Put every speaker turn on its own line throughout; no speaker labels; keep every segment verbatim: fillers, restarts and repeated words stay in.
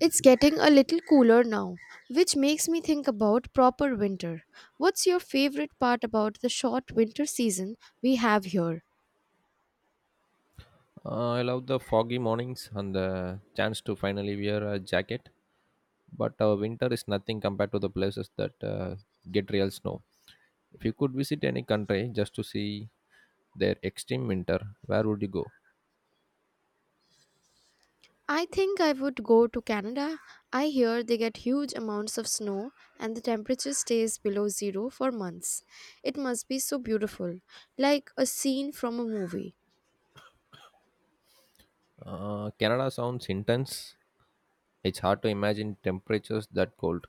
It's getting a little cooler now, which makes me think about proper winter. What's your favorite part about the short winter season we have here?
Uh, I love the foggy mornings and the chance to finally wear a jacket. But uh, winter is nothing compared to the places that uh, get real snow. If you could visit any country just to see their extreme winter, where would you go?
I think I would go to Canada. I hear they get huge amounts of snow and the temperature stays below zero for months. It must be so beautiful, like a scene from a movie.
Uh, Canada sounds intense. It's hard to imagine temperatures that cold.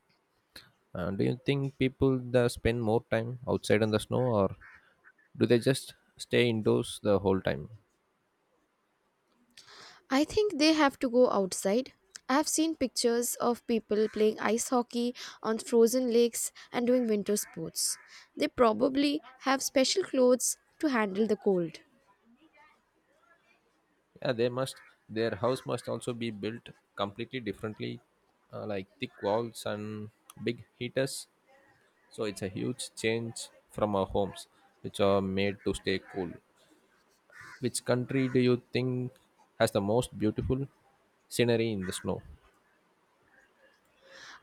Uh, do you think people there spend more time outside in the snow or do they just stay indoors the whole time?
I think they have to go outside. I've seen pictures of people playing ice hockey on frozen lakes and doing winter sports. They probably have special clothes to handle the cold.
Yeah, they must. Their house must also be built completely differently, uh, like thick walls and big heaters. So it's a huge change from our homes, which are made to stay cool. Which country do you think has the most beautiful scenery in the snow?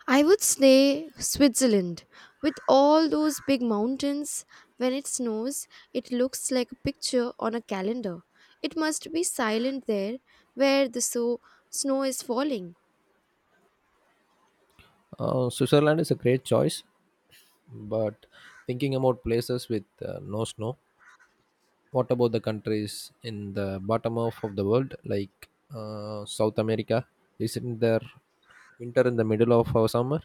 I would say Switzerland. With all those big mountains, when it snows, it looks like a picture on a calendar. It must be silent there where the so- snow is falling.
Uh, Switzerland is a great choice, but thinking about places with uh, no snow, what about the countries in the bottom half of the world, like uh, South America? Isn't there winter in the middle of our summer?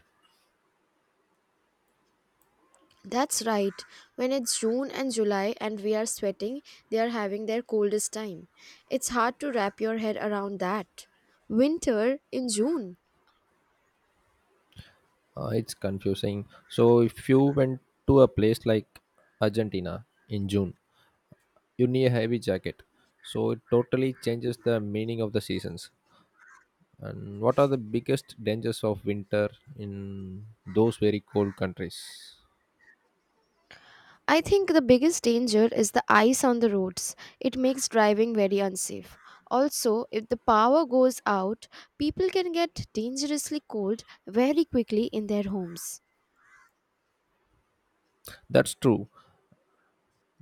That's right. When it's June and July and we are sweating, they are having their coldest time. It's hard to wrap your head around that. Winter in June.
Uh, it's confusing. So, if you went to a place like Argentina in June, you need a heavy jacket. So, it totally changes the meaning of the seasons. And what are the biggest dangers of winter in those very cold countries?
I think the biggest danger is the ice on the roads. It makes driving very unsafe. Also, if the power goes out, people can get dangerously cold very quickly in their homes.
That's true.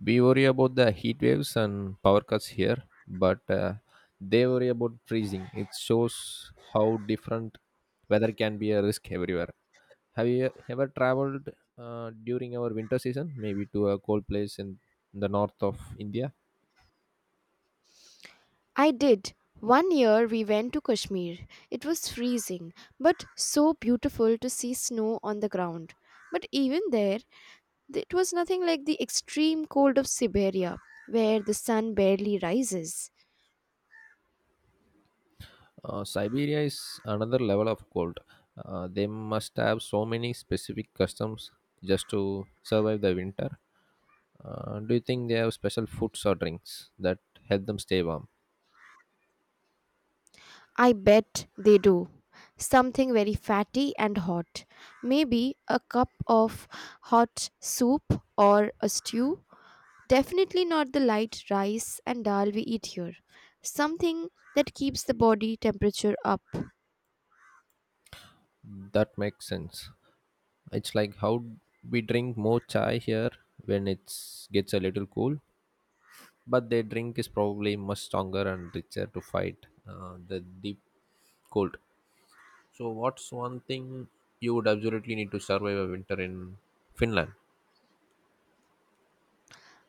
We worry about the heat waves and power cuts here, but uh, they worry about freezing. It shows how different weather can be a risk everywhere. Have you ever traveled uh, during our winter season, maybe to a cold place in the north of India?
I did. One year we went to Kashmir. It was freezing, but so beautiful to see snow on the ground. But even there, th- it was nothing like the extreme cold of Siberia, where the sun barely rises.
Uh, Siberia is another level of cold. Uh, they must have so many specific customs just to survive the winter. Uh, do you think they have special foods or drinks that help them stay warm?
I bet they do. Something very fatty and hot. Maybe a cup of hot soup or a stew. Definitely not the light rice and dal we eat here. Something that keeps the body temperature up.
That makes sense. It's like how we drink more chai here when it gets a little cool, but their drink is probably much stronger and richer to fight uh, the deep cold. So, what's one thing you would absolutely need to survive a winter in Finland?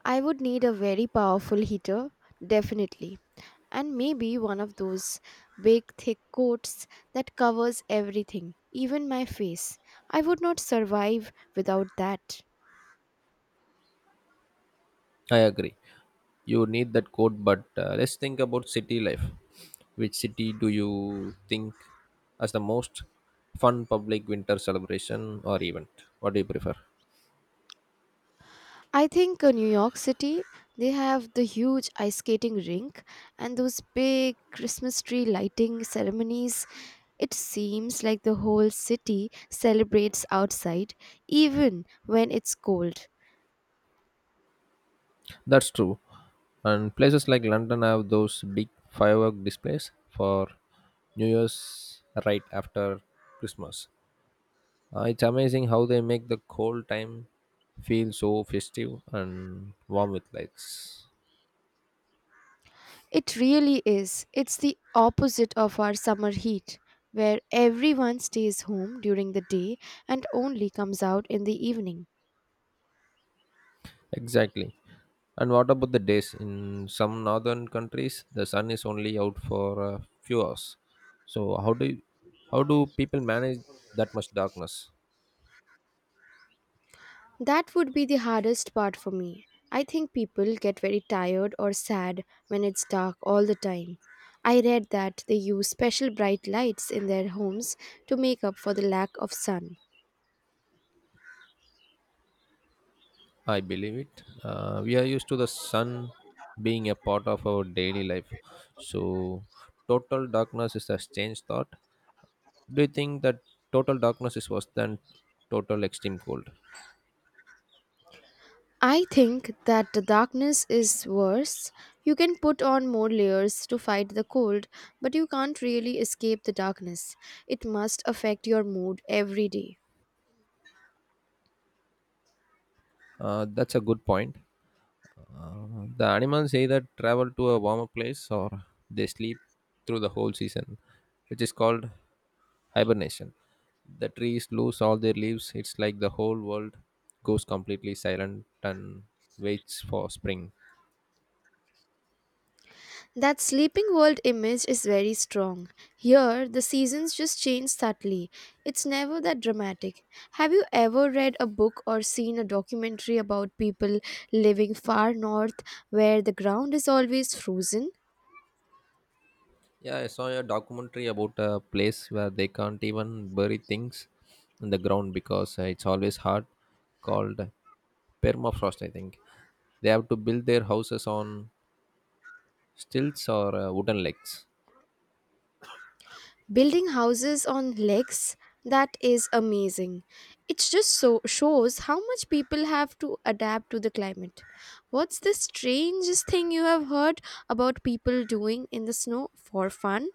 I would need a very powerful heater, definitely. And maybe one of those big thick coats that covers everything, even my face. I would not survive without that.
I agree. You need that coat, but uh, let's think about city life. Which city do you think as the most fun public winter celebration or event? What do you prefer?
I think uh, New York City, they have the huge ice skating rink and those big Christmas tree lighting ceremonies. It seems like the whole city celebrates outside, even when it's cold.
That's true. And places like London have those big firework displays for New Year's right after Christmas. Uh, it's amazing how they make the cold time feel so festive and warm with lights.
It really is. It's the opposite of our summer heat, where everyone stays home during the day and only comes out in the evening.
Exactly. And what about the days? In some northern countries, the sun is only out for a few hours. So how do how do people manage that much darkness?
That would be the hardest part for me. I think people get very tired or sad when it's dark all the time. I read that they use special bright lights in their homes to make up for the lack of sun.
I believe it. Uh, we are used to the sun being a part of our daily life. So, total darkness is a strange thought. Do you think that total darkness is worse than total extreme cold?
I think that the darkness is worse. You can put on more layers to fight the cold, but you can't really escape the darkness. It must affect your mood every day.
Uh, that's a good point. Uh, the animals either travel to a warmer place or they sleep through the whole season, which is called hibernation. The trees lose all their leaves. It's like the whole world goes completely silent and waits for spring.
That sleeping world image is very strong. Here, the seasons just change subtly. It's never that dramatic. Have you ever read a book or seen a documentary about people living far north where the ground is always frozen?
Yeah, I saw a documentary about a place where they can't even bury things in the ground because uh, it's always hard, called permafrost, I think. They have to build their houses on stilts or uh, wooden legs.
Building houses on legs, that is amazing. It just so shows how much people have to adapt to the climate. What's the strangest thing you have heard about people doing in the snow for fun?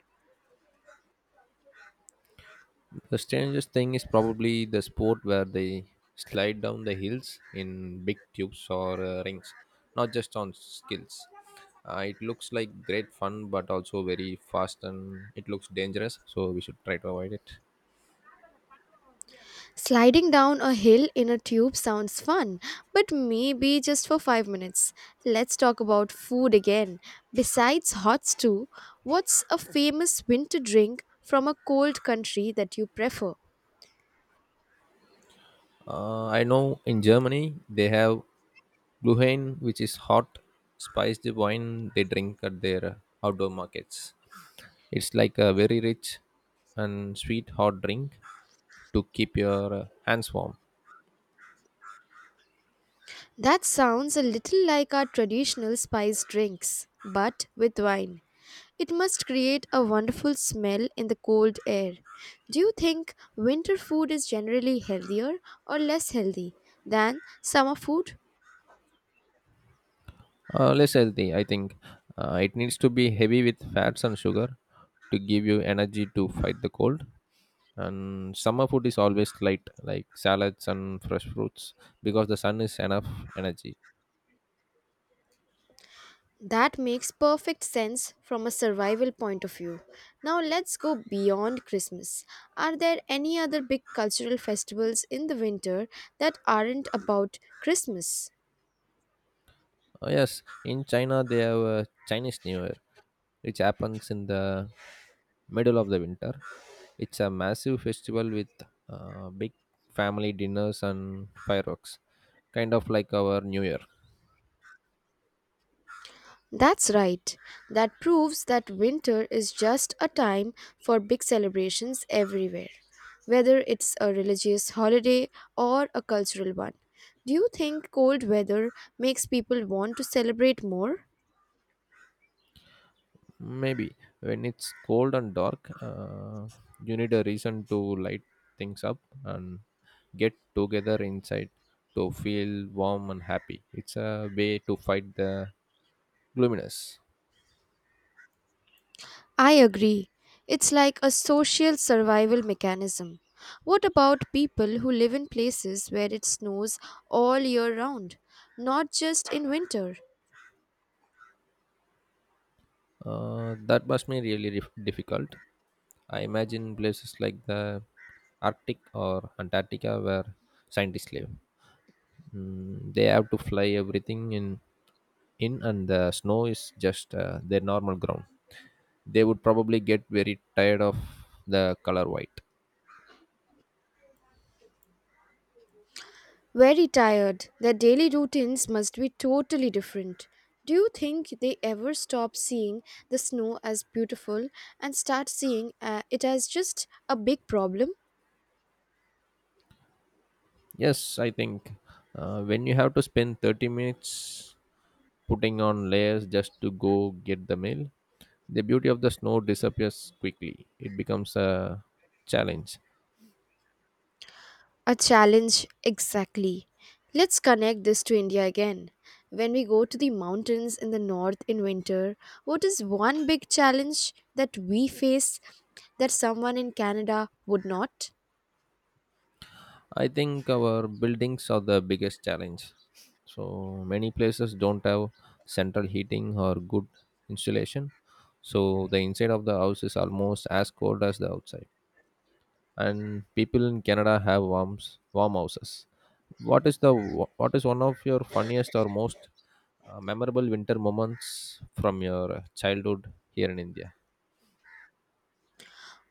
The strangest thing is probably the sport where they slide down the hills in big tubes or uh, rings, not just on skills. Uh, it looks like great fun, but also very fast and it looks dangerous, so we should try to avoid it.
Sliding down a hill in a tube sounds fun, but maybe just for five minutes. Let's talk about food again. Besides hot stew, what's a famous winter drink from a cold country that you prefer?
Uh, I know in Germany they have Glühwein, which is hot, spiced wine they drink at their uh, outdoor markets. It's like a very rich and sweet hot drink to keep your uh, hands warm.
That sounds a little like our traditional spice drinks, but with wine. It must create a wonderful smell in the cold air. Do you think winter food is generally healthier or less healthy than summer food?
Uh, less healthy, I think. Uh, it needs to be heavy with fats and sugar to give you energy to fight the cold. And summer food is always light, like salads and fresh fruits, because the sun is enough energy.
That makes perfect sense from a survival point of view. Now let's go beyond Christmas. Are there any other big cultural festivals in the winter that aren't about Christmas?
Oh, yes, in China they have a Chinese New Year, which happens in the middle of the winter. It's a massive festival with uh, big family dinners and fireworks, kind of like our New Year.
That's right. That proves that winter is just a time for big celebrations everywhere, whether it's a religious holiday or a cultural one. Do you think cold weather makes people want to celebrate more?
Maybe when it's cold and dark, uh, you need a reason to light things up and get together inside to feel warm and happy. It's a way to fight the gloominess.
I agree. It's like a social survival mechanism. What about people who live in places where it snows all year round, not just in winter?
Uh, that must be really dif- difficult. I imagine places like the Arctic or Antarctica where scientists live. Mm, they have to fly everything in, in and the snow is just uh, their normal ground. They would probably get very tired of the color white.
Very tired. Their daily routines must be totally different. Do you think they ever stop seeing the snow as beautiful and start seeing uh, it as just a big problem?
Yes, I think uh, when you have to spend thirty minutes putting on layers just to go get the mail. The beauty of the snow disappears quickly. It becomes a challenge.
A challenge, exactly. Let's connect this to India again. When we go to the mountains in the north in winter, what is one big challenge that we face that someone in Canada would not?
I think our buildings are the biggest challenge. So many places don't have central heating or good insulation. So the inside of the house is almost as cold as the outside. And people in Canada have warms warm houses. What is the what is one of your funniest or most uh, memorable winter moments from your childhood here in India?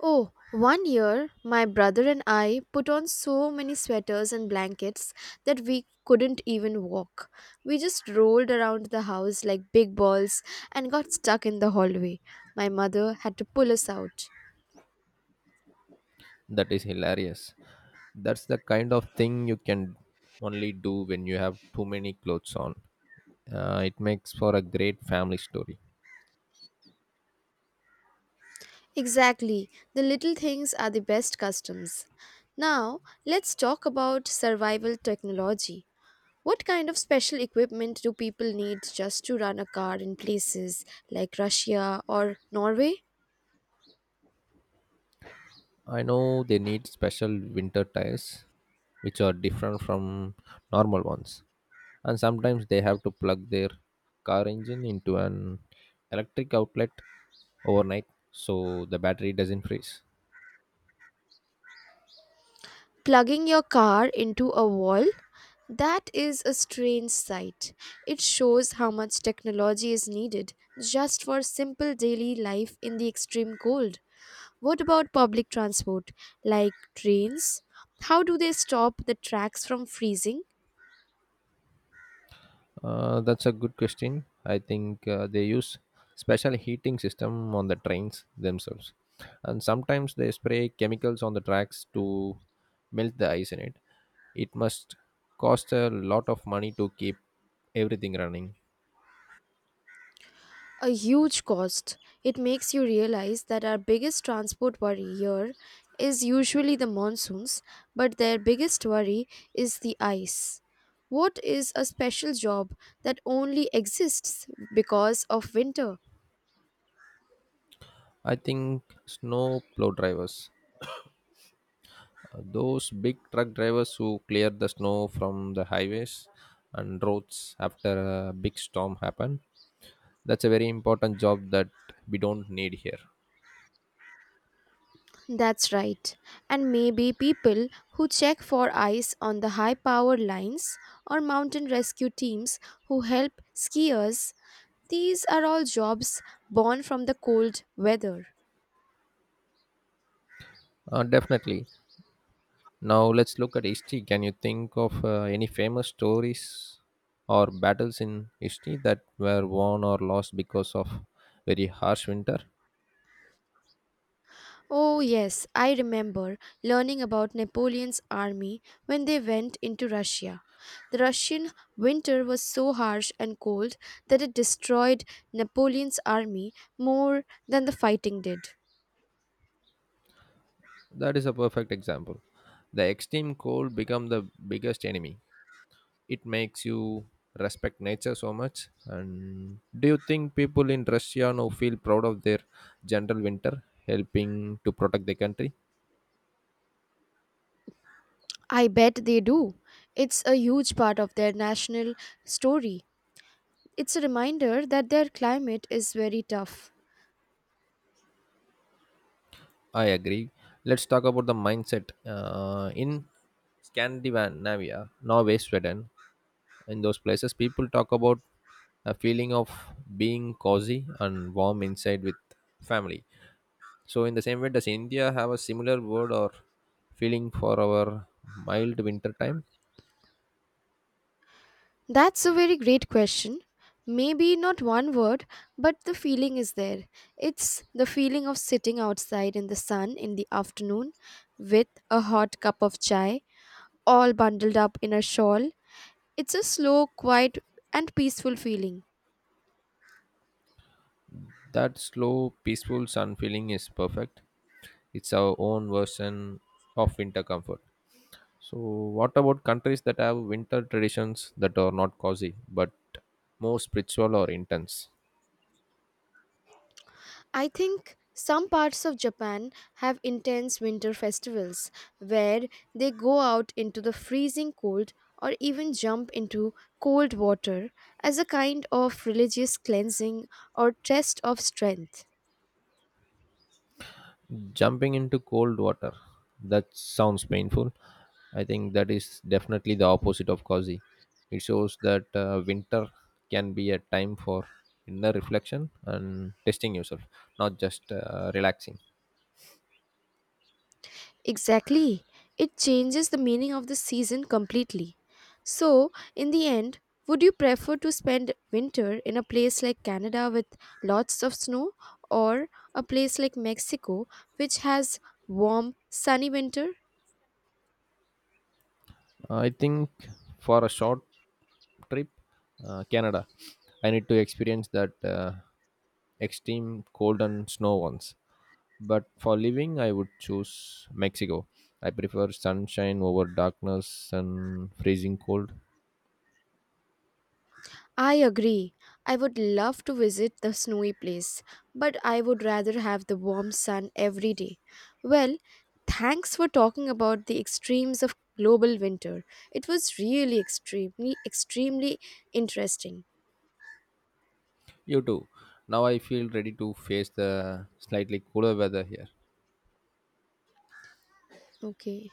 Oh, one year my brother and I put on so many sweaters and blankets that we couldn't even walk. We just rolled around the house like big balls and got stuck in the hallway. My mother had to pull us out.
That is hilarious. That's the kind of thing you can only do when you have too many clothes on. Uh, it makes for a great family story.
Exactly, the little things are the best customs. Now, let's talk about survival technology. What kind of special equipment do people need just to run a car in places like Russia or Norway?
I know they need special winter tires, which are different from normal ones. And sometimes they have to plug their car engine into an electric outlet overnight so the battery doesn't freeze.
Plugging your car into a wall? That is a strange sight. It shows how much technology is needed just for simple daily life in the extreme cold. What about public transport, like trains? How do they stop the tracks from freezing?
Uh, that's a good question. I think uh, they use special heating system on the trains themselves, and sometimes they spray chemicals on the tracks to melt the ice in it. It must cost a lot of money to keep everything running.
A huge cost. It makes you realize that our biggest transport worry here is usually the monsoons, but their biggest worry is the ice. What is a special job that only exists because of winter?
I think snow plow drivers, Uh, those big truck drivers who clear the snow from the highways and roads after a big storm happened. That's a very important job that we don't need here.
That's right. And maybe people who check for ice on the high power lines or mountain rescue teams who help skiers. These are all jobs born from the cold weather.
Uh, definitely. Now let's look at history. Can you think of uh, any famous stories or battles in history that were won or lost because of very harsh winter?
Oh, yes, I remember learning about Napoleon's army when they went into Russia. The Russian winter was so harsh and cold that it destroyed Napoleon's army more than the fighting did.
That is a perfect example. The extreme cold became the biggest enemy. It makes you respect nature so much. And do you think people in Russia now feel proud of their general winter helping to protect the country?
I bet they do. It's a huge part of their national story. It's a reminder that their climate is very tough.
I agree. Let's talk about the mindset uh, in Scandinavia, Norway, Sweden. In those places people talk about a feeling of being cozy and warm inside with family. So in the same way, does India have a similar word or feeling for our mild winter time?
That's a very great question. Maybe not one word, but the feeling is there. It's the feeling of sitting outside in the sun in the afternoon with a hot cup of chai, all bundled up in a shawl. It's a slow, quiet, and peaceful feeling.
That slow, peaceful sun feeling is perfect. It's our own version of winter comfort. So, what about countries that have winter traditions that are not cozy but more spiritual or intense?
I think some parts of Japan have intense winter festivals where they go out into the freezing cold or even jump into cold water as a kind of religious cleansing or test of strength.
Jumping into cold water. That sounds painful. I think that is definitely the opposite of cozy. It shows that uh, winter can be a time for inner reflection and testing yourself, not just uh, relaxing.
Exactly. It changes the meaning of the season completely. So, in the end, would you prefer to spend winter in a place like Canada with lots of snow or a place like Mexico which has warm, sunny winter?
I think for a short trip, uh, Canada, I need to experience that uh, extreme cold and snow once. But for living, I would choose Mexico. I prefer sunshine over darkness and freezing cold.
I agree. I would love to visit the snowy place, but I would rather have the warm sun every day. Well, thanks for talking about the extremes of global winter. It was really extremely, extremely interesting.
You too. Now I feel ready to face the slightly cooler weather here.
Okay.